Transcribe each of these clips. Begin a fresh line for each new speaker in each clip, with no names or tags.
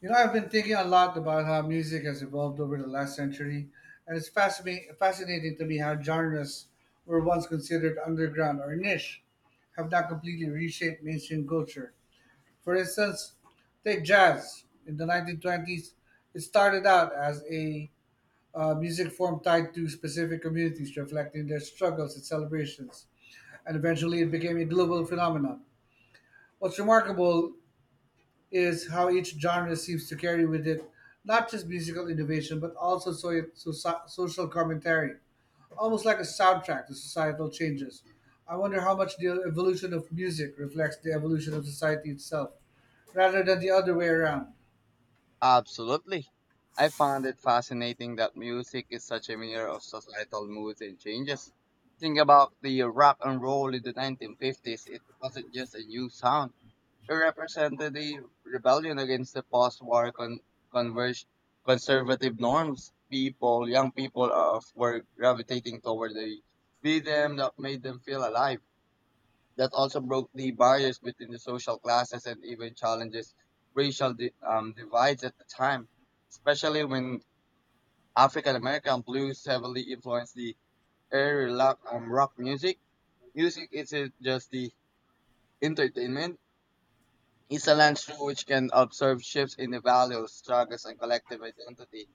You know, I've been thinking a lot about how music has evolved over the last century, and it's fascinating to me how genres were once considered underground or niche have now completely reshaped mainstream culture. For instance, take jazz. In the 1920s, it started out as a music form tied to specific communities, reflecting their struggles and celebrations, and eventually it became a global phenomenon. What's remarkable is how each genre seems to carry with it not just musical innovation but also social commentary, almost like a soundtrack to societal changes. I wonder how much the evolution of music reflects the evolution of society itself, rather than the other way around.
Absolutely. I found it fascinating that music is such a mirror of societal moods and changes. Think about the rock and roll in the 1950s. It wasn't just a new sound. It represented the rebellion against the converge- conservative norms. Young people of, were gravitating toward the rhythm that made them feel alive that also broke the barriers between the social classes and even challenges divides at the time, especially when African American blues heavily influenced the rock music. Music isn't just the entertainment, it's a lens through which can observe shifts in the values, struggles, and collective identity.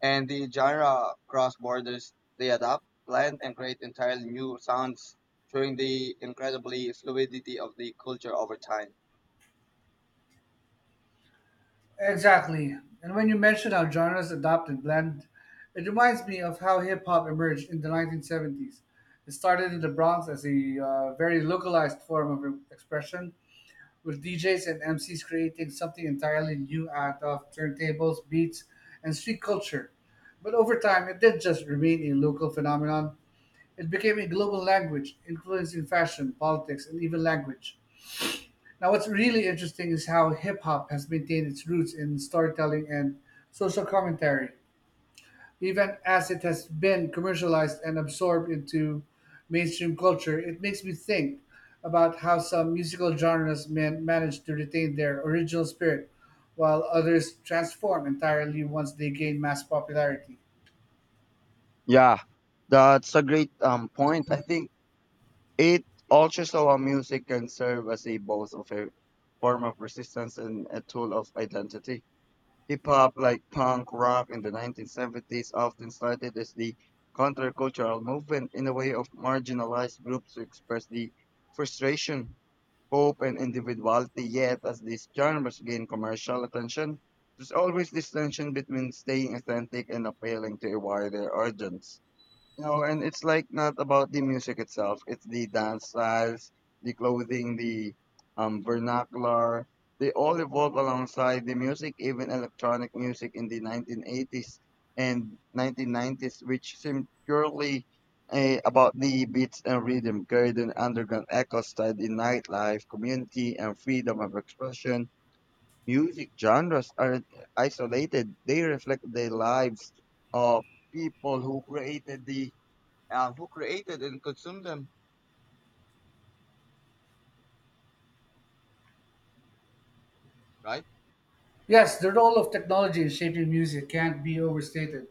And the genre cross borders, they adapt, blend, and create entirely new sounds, showing the incredibly fluidity of the culture over time.
Exactly. And when you mention how genres adopt and blend, it reminds me of how hip hop emerged in the 1970s. It started in the Bronx as a very localized form of expression with DJs and MCs creating something entirely new out of turntables, beats, and street culture. But over time, it didn't just remain a local phenomenon. It became a global language, influencing fashion, politics, and even language. Now, what's really interesting is how hip hop has maintained its roots in storytelling and social commentary even as it has been commercialized and absorbed into mainstream culture. It makes me think about how some musical genres manage to retain their original spirit, while others transform entirely once they gain mass popularity.
Yeah, that's a great point. I think it also so music can serve as a both of a form of resistance and a tool of identity. Hip hop, like punk rock in the 1970s, often started as the countercultural movement in a way of marginalized groups to express the frustration, hope, and individuality. Yet, as these genres gain commercial attention, there's always this tension between staying authentic and appealing to a wider audience. No, and it's like not about the music itself. It's the dance styles, the clothing, the vernacular. They all evolved alongside the music, even electronic music in the 1980s and 1990s, which seemed purely about the beats and rhythm, carried an underground echo style, in nightlife, community, and freedom of expression. Music genres aren't isolated; they reflect the lives of people who created the who created and consumed them, right?
Yes, the role of technology in shaping music can't be overstated.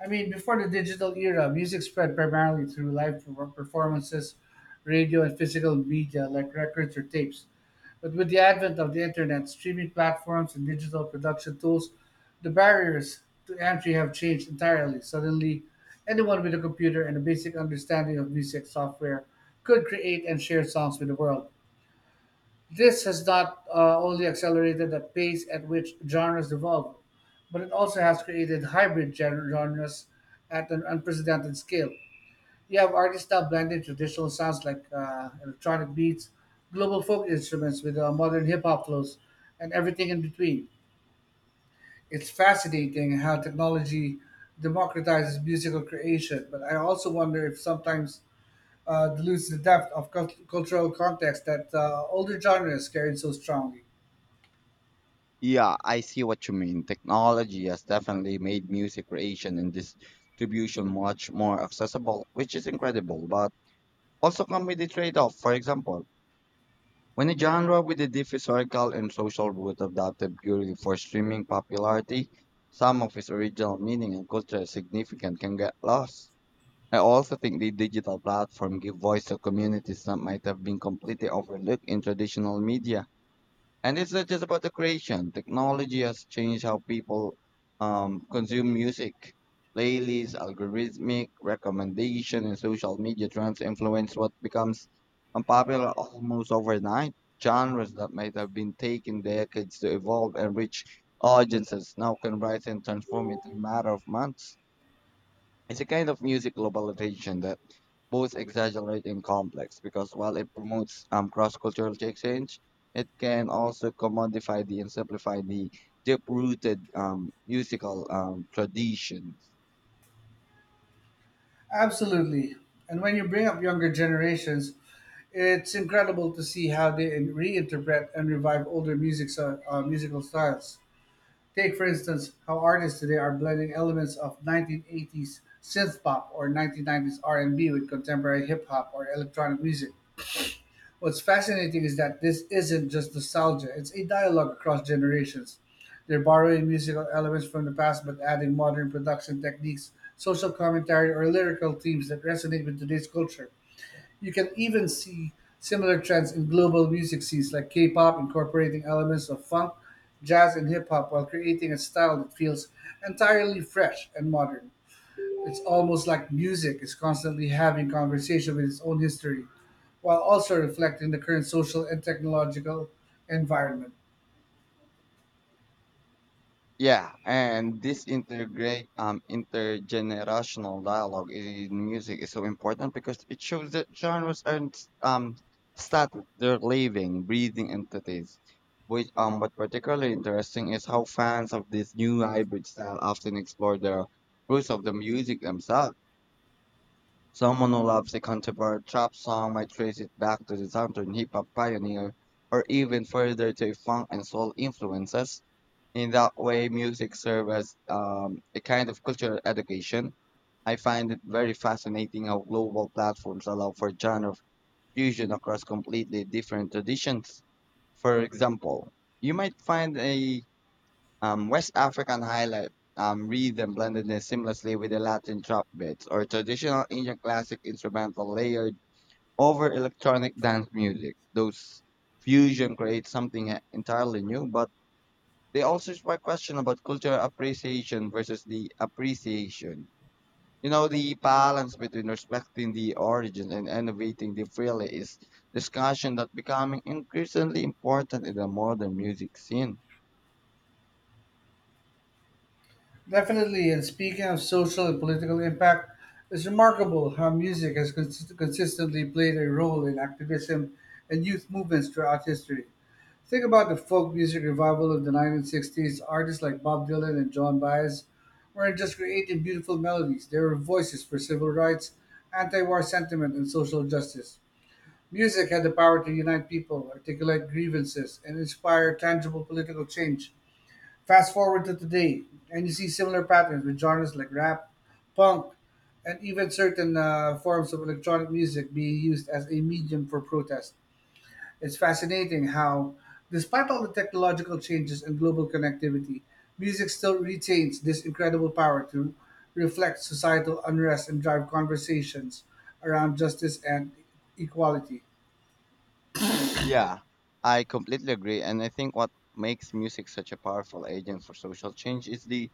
I mean, before the digital era, music spread primarily through live performances, radio, and physical media like records or tapes. But with the advent of the internet, streaming platforms, and digital production tools, the barriers to entry have changed entirely. Suddenly, anyone with a computer and a basic understanding of music software could create and share songs with the world. This has not only accelerated the pace at which genres evolve, but it also has created hybrid genres at an unprecedented scale. You have artists now blending traditional sounds like electronic beats, global folk instruments with modern hip hop flows, and everything in between. It's fascinating how technology democratizes musical creation, but I also wonder if sometimes it loses the depth of cultural context that older genres carried so strongly.
Yeah, I see what you mean. Technology has definitely made music creation and distribution much more accessible, which is incredible, but also come with a trade-off. For example, when a genre with a deep historical and social root adapted purely for streaming popularity, some of its original meaning and cultural significance can get lost. I also think the digital platform give voice to communities that might have been completely overlooked in traditional media. And it's not just about the creation. Technology has changed how people consume music. Playlists, algorithmic recommendation, and social media trends influence what becomes unpopular almost overnight. Genres that might have been taking decades to evolve and reach audiences now can rise and transform in a matter of months. It's a kind of music globalization that both exaggerate and complex because while it promotes cross-cultural exchange, it can also commodify the and simplify the deep-rooted musical tradition.
Absolutely. And when you bring up younger generations, it's incredible to see how they reinterpret and revive older music musical styles. Take, for instance, how artists today are blending elements of 1980s synth pop or 1990s R&B with contemporary hip hop or electronic music. What's fascinating is that this isn't just nostalgia, it's a dialogue across generations. They're borrowing musical elements from the past but adding modern production techniques, social commentary, or lyrical themes that resonate with today's culture. You can even see similar trends in global music scenes like K pop incorporating elements of funk, jazz, and hip hop while creating a style that feels entirely fresh and modern. It's almost like music is constantly having conversation with its own history, while also reflecting the current social and technological environment.
Yeah, and this integrate intergenerational dialogue in music is so important because it shows that genres aren't static; they're living, breathing entities. Which What particularly interesting is how fans of this new hybrid style often explore the roots of the music themselves. Someone who loves a contemporary trap song might trace it back to the southern hip hop pioneer, or even further to funk and soul influences. In that way, music serves as a kind of cultural education. I find it very fascinating how global platforms allow for genre fusion across completely different traditions. For example, you might find a West African highlight rhythm blended in seamlessly with the Latin trap beats or traditional Indian classic instrumental layered over electronic dance music. Those fusion creates something entirely new, but they also spark question about cultural appreciation versus the appreciation. You know, the balance between respecting the origin and innovating the freely is discussion that becoming increasingly important in the modern music scene.
Definitely, and speaking of social and political impact, it's remarkable how music has consistently played a role in activism and youth movements throughout history. Think about the folk music revival of the 1960s. Artists like Bob Dylan and John Baez weren't just creating beautiful melodies, they were voices for civil rights, anti war sentiment, and social justice. Music had the power to unite people, articulate grievances, and inspire tangible political change. Fast forward to today, and you see similar patterns with genres like rap, punk, and even certain forms of electronic music being used as a medium for protest. It's fascinating how, despite all the technological changes and global connectivity, music still retains this incredible power to reflect societal unrest and drive conversations around justice and equality.
Yeah, I completely agree. And I think what makes music such a powerful agent for social change is the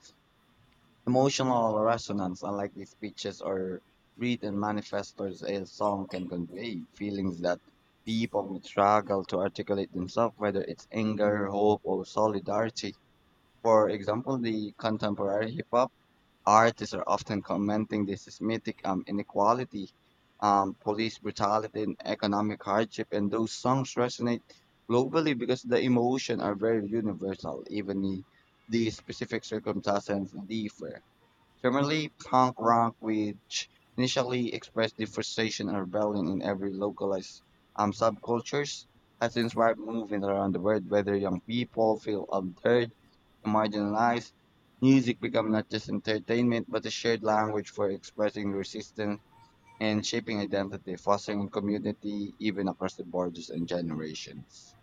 emotional resonance, unlike the speeches or written manifestos, a song can convey feelings that people may struggle to articulate themselves, whether it's anger, hope, or solidarity. For example, the contemporary hip hop artists are often commenting this is mythic inequality, police brutality, and economic hardship. And those songs resonate globally because the emotion are very universal, even the specific circumstances differ. Similarly, punk rock, which initially expressed the frustration and rebellion in every localized subcultures, has inspired movement around the world, whether young people feel unheard, marginalized. Music become not just entertainment, but a shared language for expressing resistance and shaping identity, fostering community even across the borders and generations.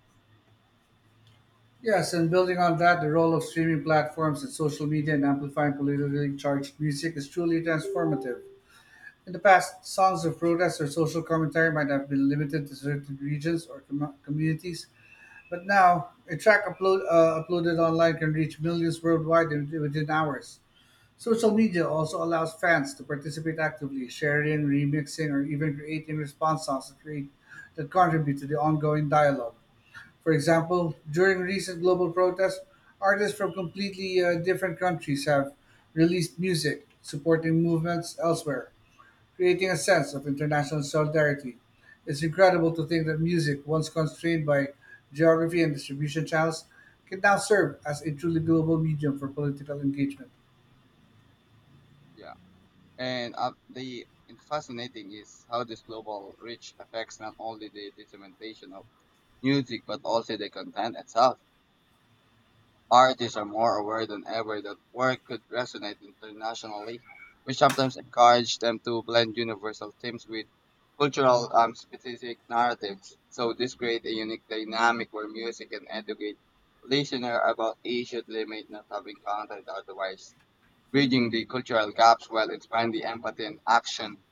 Yes, and building on that, the role of streaming platforms and social media in amplifying politically charged music is truly transformative. In the past, songs of protest or social commentary might have been limited to certain regions or communities, but now a track uploaded online can reach millions worldwide within hours. Social media also allows fans to participate actively, sharing, remixing, or even creating response songs that that contribute to the ongoing dialogue. For example, during recent global protests, artists from completely different countries have released music supporting movements elsewhere, creating a sense of international solidarity. It's incredible to think that music, once constrained by geography and distribution channels, can now serve as a truly global medium for political engagement.
Yeah, and the and fascinating is how this global reach affects not only the implementation of music, but also the content itself. Artists are more aware than ever that work could resonate internationally, which sometimes encourage them to blend universal themes with cultural specific narratives. So this creates a unique dynamic where music can educate listener about issues they may not have encountered otherwise bridging the cultural gaps while expanding empathy and action.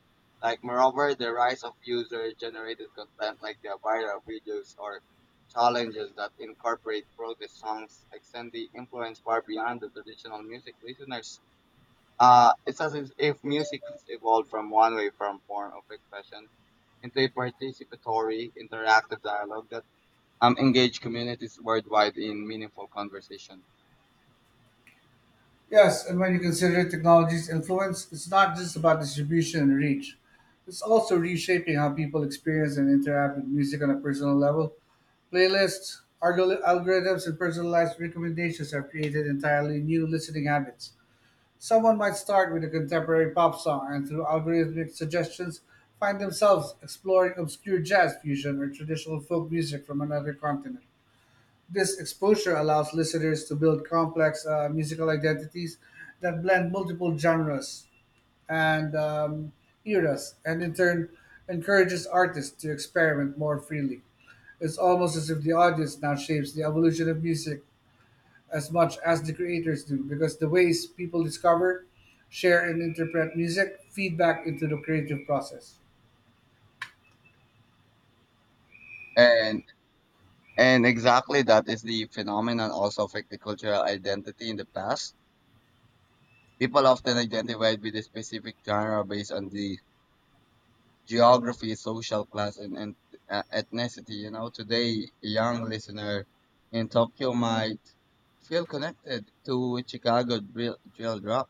Like moreover, the rise of user-generated content like the viral videos or challenges that incorporate protest songs extend the influence far beyond the traditional music listeners. It's as if music has evolved from one way from form of expression into a participatory, interactive dialogue that engage communities worldwide in meaningful conversation.
Yes, and when you consider technology's influence, it's not just about distribution and reach. It's also reshaping how people experience and interact with music on a personal level. Playlists, algorithms, and personalized recommendations have created entirely new listening habits. Someone might start with a contemporary pop song and through algorithmic suggestions find themselves exploring obscure jazz fusion or traditional folk music from another continent. This exposure allows listeners to build complex musical identities that blend multiple genres and eras, and in turn encourages artists to experiment more freely. It's almost as if the audience now shapes the evolution of music as much as the creators do, because the ways people discover, share, and interpret music feed back into the creative process.
And And exactly that is the phenomenon also affected cultural identity in the past. People often identified with a specific genre based on the geography, social class, and ethnicity. You know, today, a young listener in Tokyo might feel connected to Chicago drill, drill drop,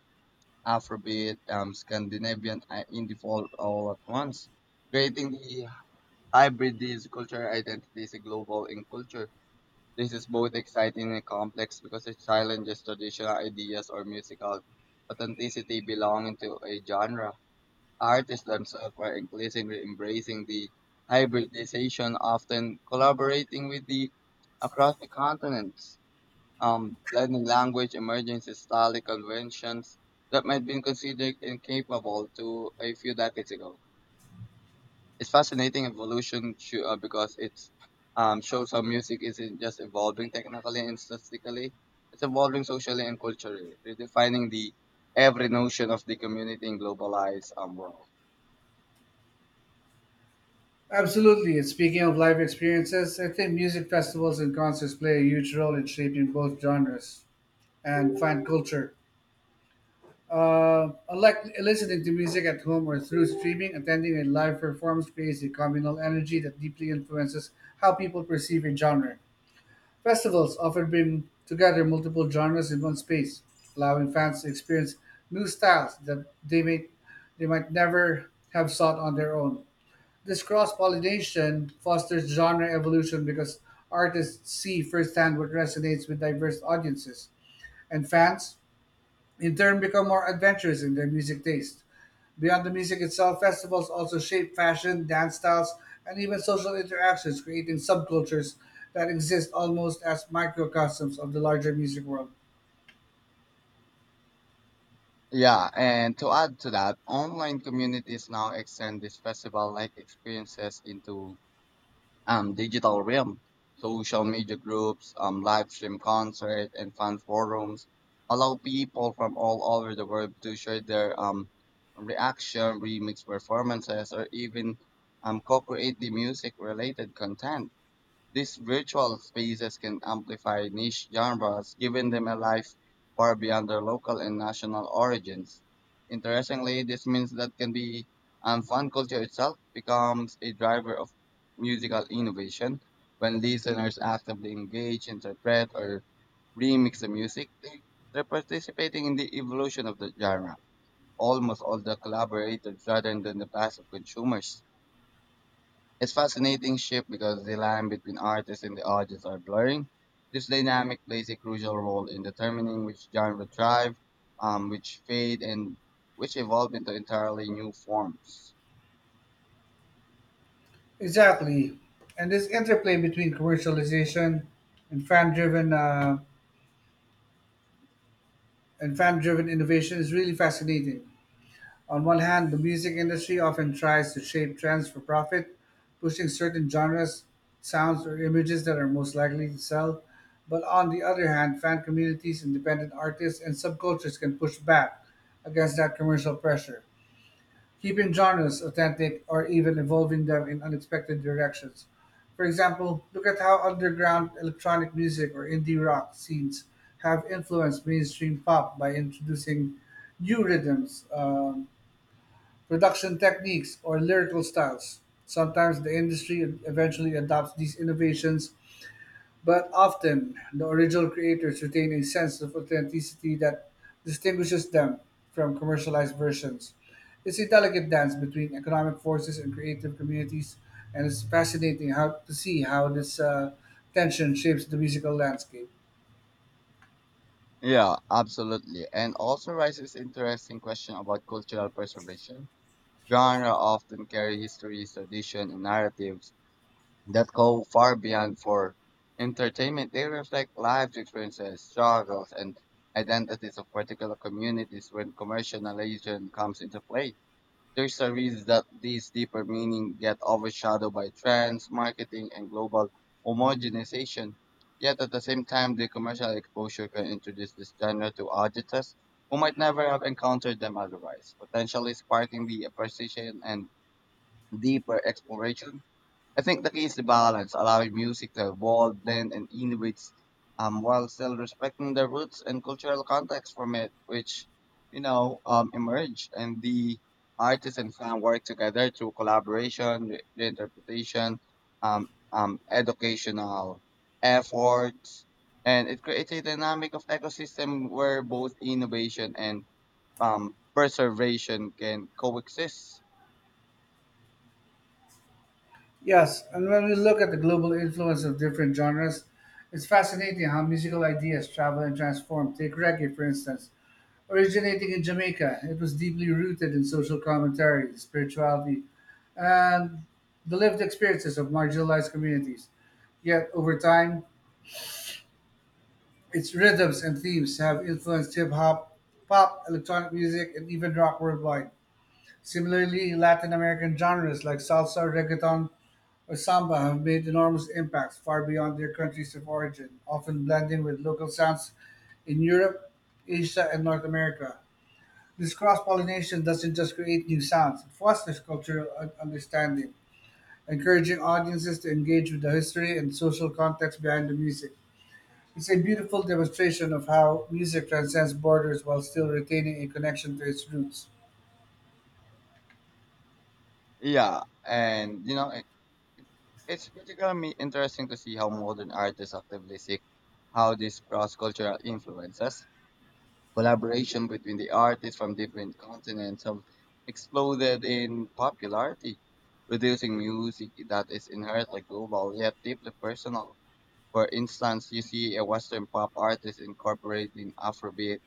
Afrobeat, Scandinavian indie folk all at once. Creating the hybrid these cultural identities, a global in culture. This is both exciting and complex because it challenges traditional ideas or musical authenticity belonging to a genre. Artists themselves are increasingly embracing the hybridization, often collaborating with the across the continents, blending language, emergency style conventions that might be considered incapable to a few decades ago. It's fascinating because it shows how music isn't just evolving technically and statistically, it's evolving socially and culturally, redefining the every notion of the community in globalized world.
Absolutely. And speaking of live experiences, I think music festivals and concerts play a huge role in shaping both genres and fan culture. I like listening to music at home or through streaming. Attending a live performance creates a communal energy that deeply influences how people perceive a genre. Festivals often bring together multiple genres in one space, allowing fans to experience new styles that they may they might never have sought on their own. This cross pollination fosters genre evolution because artists see firsthand what resonates with diverse audiences and fans in turn become more adventurous in their music taste. Beyond the music itself, festivals also shape fashion, dance styles, and even social interactions, creating subcultures that exist almost as microcosms of the larger music world.
Yeah, and to add to that, online communities now extend these festival-like experiences into digital realm. Social live stream concerts, and fan forums allow people from all over the world to share their reaction, remix performances, or even co-create the music-related content. These virtual spaces can amplify niche genres, giving them a life far beyond their local and national origins. Interestingly, this means that can be and fan culture itself becomes a driver of musical innovation. When listeners actively engage, interpret, or remix the music, they're participating in the evolution of the genre. Almost all the collaborators rather than the passive consumers. It's fascinating shift because the line between artists and the audience are blurring. This dynamic plays a crucial role in determining which genre thrive, which fade, and which evolve into entirely new forms.
Exactly. And this interplay between commercialization and fan driven uh, and fan driven innovation is really fascinating. On one hand, the music industry often tries to shape trends for profit, pushing certain genres, sounds, or images that are most likely to sell. But on the other hand, fan communities, independent artists, and subcultures can push back against that commercial pressure, keeping genres authentic or even evolving them in unexpected directions. For example, look at how underground electronic music or indie rock scenes have influenced mainstream pop by introducing new rhythms. Production techniques, or lyrical styles. Sometimes the industry eventually adopts these innovations, but often the original creators retain a sense of authenticity that distinguishes them from commercialized versions. It's a delicate dance between economic forces and creative communities, and it's fascinating how to see how this tension shapes the musical landscape.
Yeah, absolutely. And also raises interesting question about cultural preservation. Genre often carry history, tradition, and narratives that go far beyond for entertainment. They reflect life experiences, struggles, and identities of particular communities when commercialization comes into play. There's a reason that these deeper meaning get overshadowed by trends, marketing, and global homogenization. Yet at the same time, the commercial exposure can introduce this genre to audiences who might never have encountered them otherwise, potentially sparking the appreciation and deeper exploration. I think the key is the balance, allowing music to evolve, blend, and innovate, while still respecting the roots and cultural context from it, which emerge. And the artist and fan work together through collaboration, reinterpretation, educational efforts, and it creates a dynamic of ecosystem where both innovation and preservation can coexist.
Yes, and when we look at the global influence of different genres, it's fascinating how musical ideas travel and transform. Take reggae, for instance. Originating in Jamaica, it was deeply rooted in social commentary, spirituality, and the lived experiences of marginalized communities. Yet, over time, its rhythms and themes have influenced hip hop, pop, electronic music, and even rock worldwide. Similarly, Latin American genres like salsa, reggaeton, or samba have made enormous impacts far beyond their countries of origin, often blending with local sounds in Europe, Asia, and North America. This cross pollination doesn't just create new sounds, it fosters cultural understanding, encouraging audiences to engage with the history and social context behind the music. It's a beautiful demonstration of how music transcends borders while still retaining a connection to its roots.
Yeah, and you know it's particularly interesting to see how modern artists actively seek how these cross-cultural influences, collaboration between the artists from different continents have exploded in popularity, producing music that is inherently global yet deeply personal. For instance, you see a Western pop artist incorporating Afrobeat,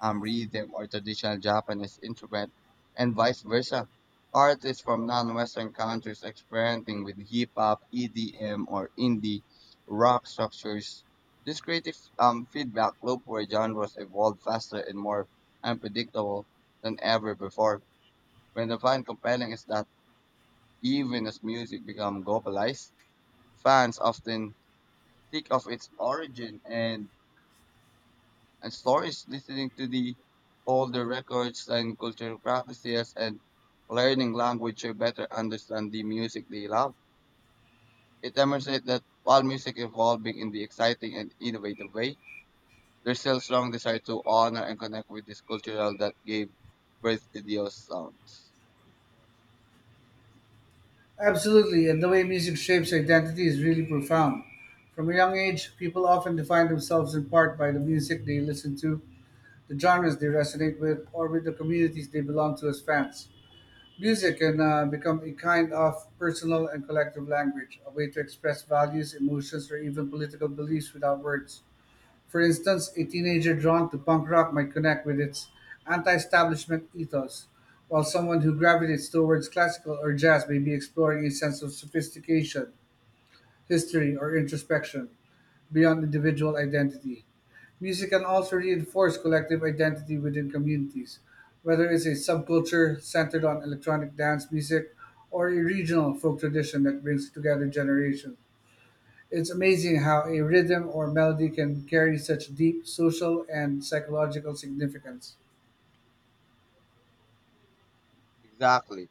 um, rhythm, or traditional Japanese instrument, and vice versa. Artists from non-Western countries experimenting with hip hop, EDM, or indie rock structures. This creative feedback loop where genres evolve faster and more unpredictable than ever before. When I find compelling is that even as music becomes globalized, fans often think of its origin and stories, listening to the older records and cultural practices, and learning language to better understand the music they love. It demonstrates that while music evolving in the exciting and innovative way, there's still strong desire to honor and connect with this cultural that gave birth to those sounds.
Absolutely, and the way music shapes identity is really profound. From a young age, people often define themselves in part by the music they listen to, the genres they resonate with, or with the communities they belong to as fans. Music can become a kind of personal and collective language, a way to express values, emotions, or even political beliefs without words. For instance, a teenager drawn to punk rock might connect with its anti-establishment ethos, while someone who gravitates towards classical or jazz may be exploring a sense of sophistication, history, or introspection beyond individual identity. Music can also reinforce collective identity within communities, whether it's a subculture centered on electronic dance music or a regional folk tradition that brings together generations. It's amazing how a rhythm or melody can carry such deep social and psychological significance.
Exactly.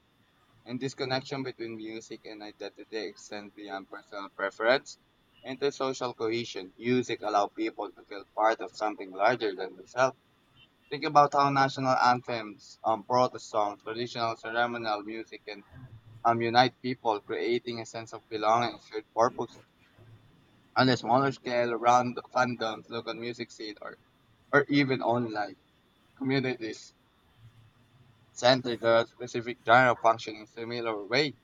And this connection between music and identity extends beyond personal preference into social cohesion. Music allows people to feel part of something larger than themselves. Think about how national protest songs, traditional ceremonial music can unite people, creating a sense of belonging and shared purpose. On a smaller scale, around fandoms, local music scene, or even online communities, Center the specific genre function in similar way,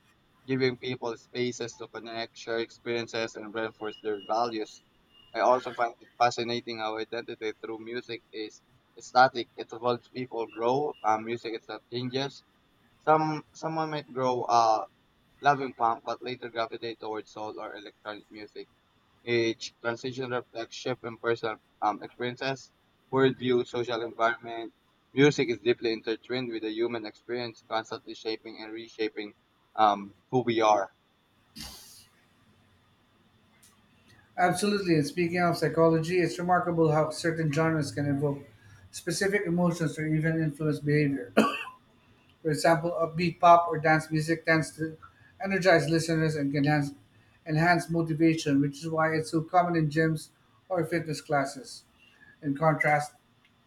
giving people spaces to connect, share experiences, and reinforce their values. I also find it fascinating how identity through music is static. It evolves. People grow. Music itself changes. Someone might grow loving punk, but later gravitate towards soul or electronic music age, transition reflects shift in personal experiences, worldview, social environment. Music is deeply intertwined with the human experience, constantly shaping and reshaping who we are.
Absolutely, and speaking of psychology, it's remarkable how certain genres can evoke specific emotions or even influence behavior. For example, upbeat pop or dance music tends to energize listeners and can enhance motivation, which is why it's so common in gyms or fitness classes. In contrast,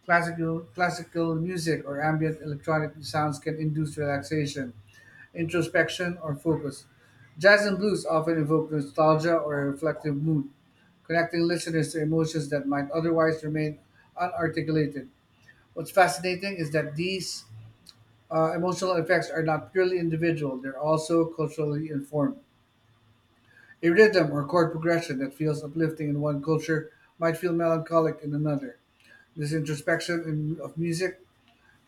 classical music or ambient electronic sounds can induce relaxation, introspection, or focus. Jazz and blues often evoke nostalgia or a reflective mood, connecting listeners to emotions that might otherwise remain unarticulated. What's fascinating is that these emotional effects are not purely individual, they're also culturally informed. A rhythm or chord progression that feels uplifting in one culture might feel melancholic in another. This introspection of music,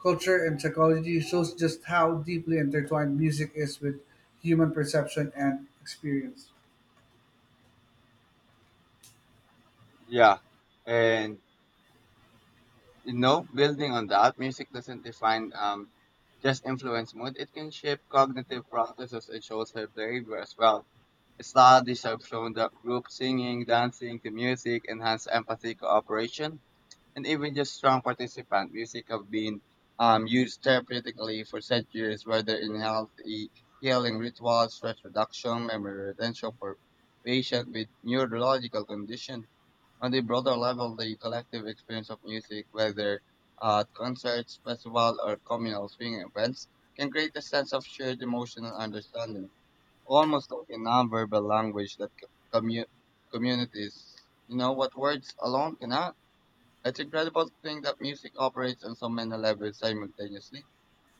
culture, and psychology shows just how deeply intertwined music is with human perception and experience.
Yeah, and you know, building on that, music doesn't define just influence mood; it can shape cognitive processes and social behavior as well. Studies have shown that group singing, dancing to music enhance empathy, cooperation, and even just strong participant. Music have been used therapeutically for centuries, whether in healthy healing rituals, stress reduction, memory retention for patients with neurological condition. On the broader level, the collective experience of music, whether at concerts, festivals, or communal swing events, can create a sense of shared emotional understanding, almost like a nonverbal language that commu- communities, you know, what words alone cannot. It's incredible to think that music operates on so many levels simultaneously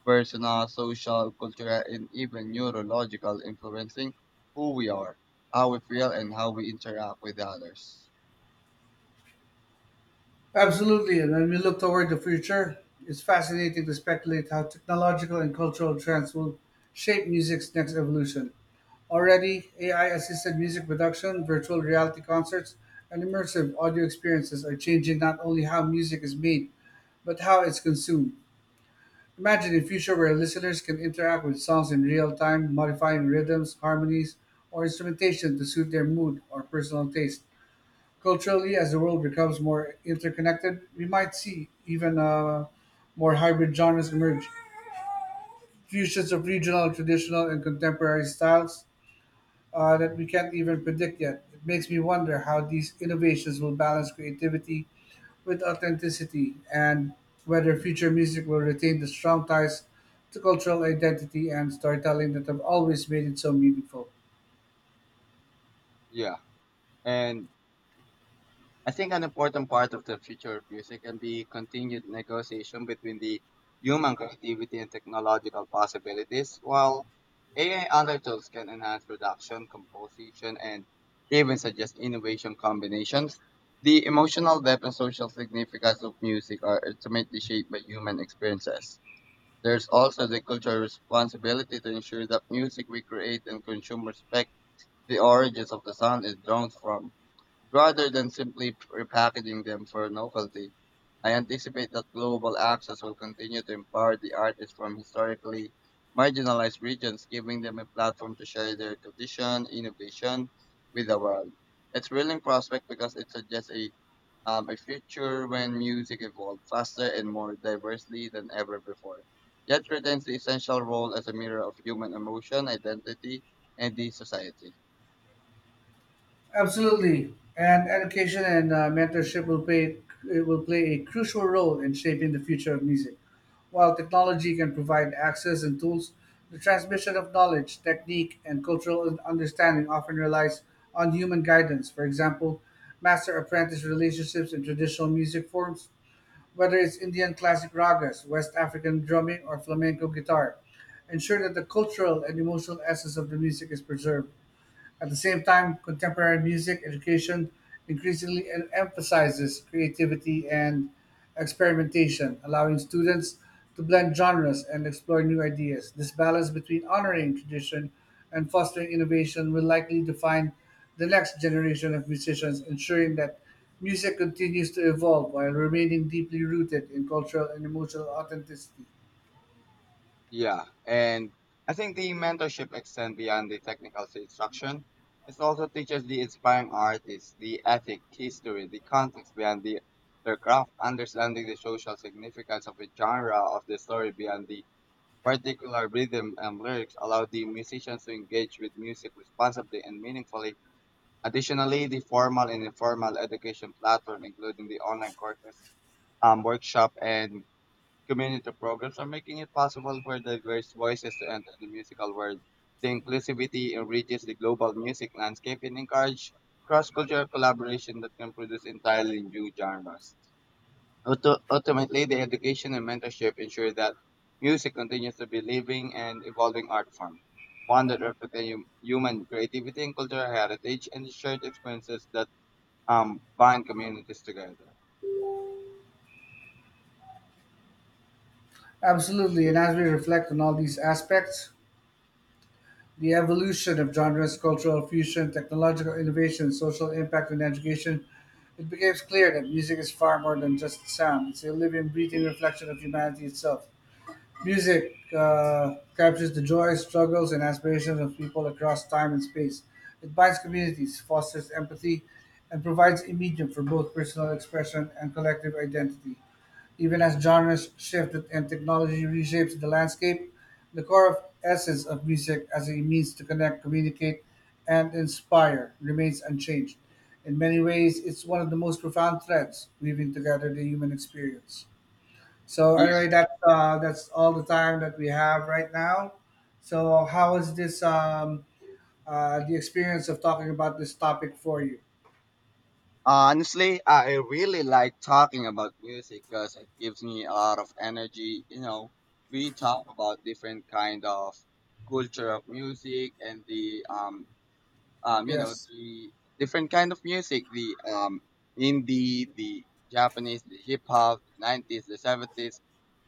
personal, social, cultural, and even neurological, influencing who we are, how we feel, and how we interact with others.
Absolutely, and when we look toward the future, it's fascinating to speculate how technological and cultural trends will shape music's next evolution. Already, AI assisted music production, virtual reality concerts, and immersive audio experiences are changing not only how music is made, but how it's consumed. Imagine a future where listeners can interact with songs in real time, modifying rhythms, harmonies, or instrumentation to suit their mood or personal taste. Culturally, as the world becomes more interconnected, we might see even more hybrid genres emerge, fusions of regional, traditional, and contemporary styles that we can't even predict yet. It makes me wonder how these innovations will balance creativity with authenticity and whether future music will retain the strong ties to cultural identity and storytelling that have always made it so meaningful.
Yeah. And I think an important part of the future of music can be continued negotiation between the human creativity and technological possibilities, while AI other tools can enhance production, composition, and even suggest innovation combinations. The emotional depth and social significance of music are ultimately shaped by human experiences. There's also the cultural responsibility to ensure that music we create and consume respect the origins of the sound it draws from. Rather than simply repackaging them for novelty, I anticipate that global access will continue to empower the artists from historically marginalized regions, giving them a platform to share their tradition, innovation with the world. It's thrilling prospect because it suggests a future when music evolved faster and more diversely than ever before. Yet retains the essential role as a mirror of human emotion, identity, and the society.
Absolutely, and education and mentorship will play it will play a crucial role in shaping the future of music. While technology can provide access and tools, the transmission of knowledge, technique, and cultural understanding often relies on human guidance. For example, master-apprentice relationships in traditional music forms, whether it's Indian classic ragas, West African drumming, or flamenco guitar, ensure that the cultural and emotional essence of the music is preserved. At the same time, contemporary music education increasingly emphasizes creativity and experimentation, allowing students to blend genres and explore new ideas. This balance between honoring tradition and fostering innovation will likely define the next generation of musicians, ensuring that music continues to evolve while remaining deeply rooted in cultural and emotional authenticity.
Yeah, and I think the mentorship extends beyond the technical instruction. It also teaches the inspiring artists the ethic, history, the context behind the, their craft, understanding the social significance of the genre of the story beyond the particular rhythm and lyrics allow the musicians to engage with music responsibly and meaningfully. Additionally, the formal and informal education platform, including the online courses, workshop, and Community programs are making it possible for diverse voices to enter the musical world. The inclusivity enriches the global music landscape and encourages cross-cultural collaboration that can produce entirely new genres. Ultimately, the education and mentorship ensure that music continues to be living and evolving art form, one that reflects the human creativity and cultural heritage and the shared experiences that bind communities together.
Absolutely, and as we reflect on all these aspects, the evolution of genres, cultural fusion, technological innovation, social impact, and education, it becomes clear that music is far more than just sound. It's a living, breathing reflection of humanity itself. Music captures the joys, struggles, and aspirations of people across time and space. It binds communities, fosters empathy, and provides a medium for both personal expression and collective identity. Even as genres shift and technology reshapes the landscape, the core of essence of music as a means to connect, communicate, and inspire remains unchanged. In many ways, it's one of the most profound threads weaving together the human experience. So anyway, that's all the time that we have right now. So how is this the experience of talking about this topic for you?
Honestly, I really like talking about music because it gives me a lot of energy. You know, we talk about different kind of culture of music and the you know
Yes.
the different kind of music, the indie, the Japanese, the hip hop, the 90s, the 70s.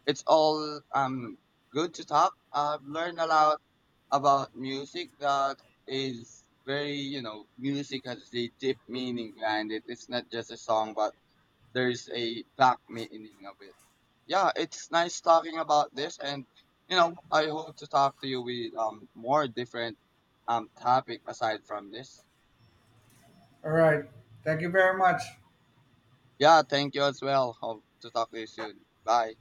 It's all good to talk. I've learned a lot about music that is very, you know, music has a deep meaning behind it. It's not just a song, but there's a back meaning of it. Yeah, it's nice talking about this, and you know, I hope to talk to you with more different topic aside from this.
All right. Thank you very much.
Yeah, thank you as well. Hope to talk to you soon. Bye.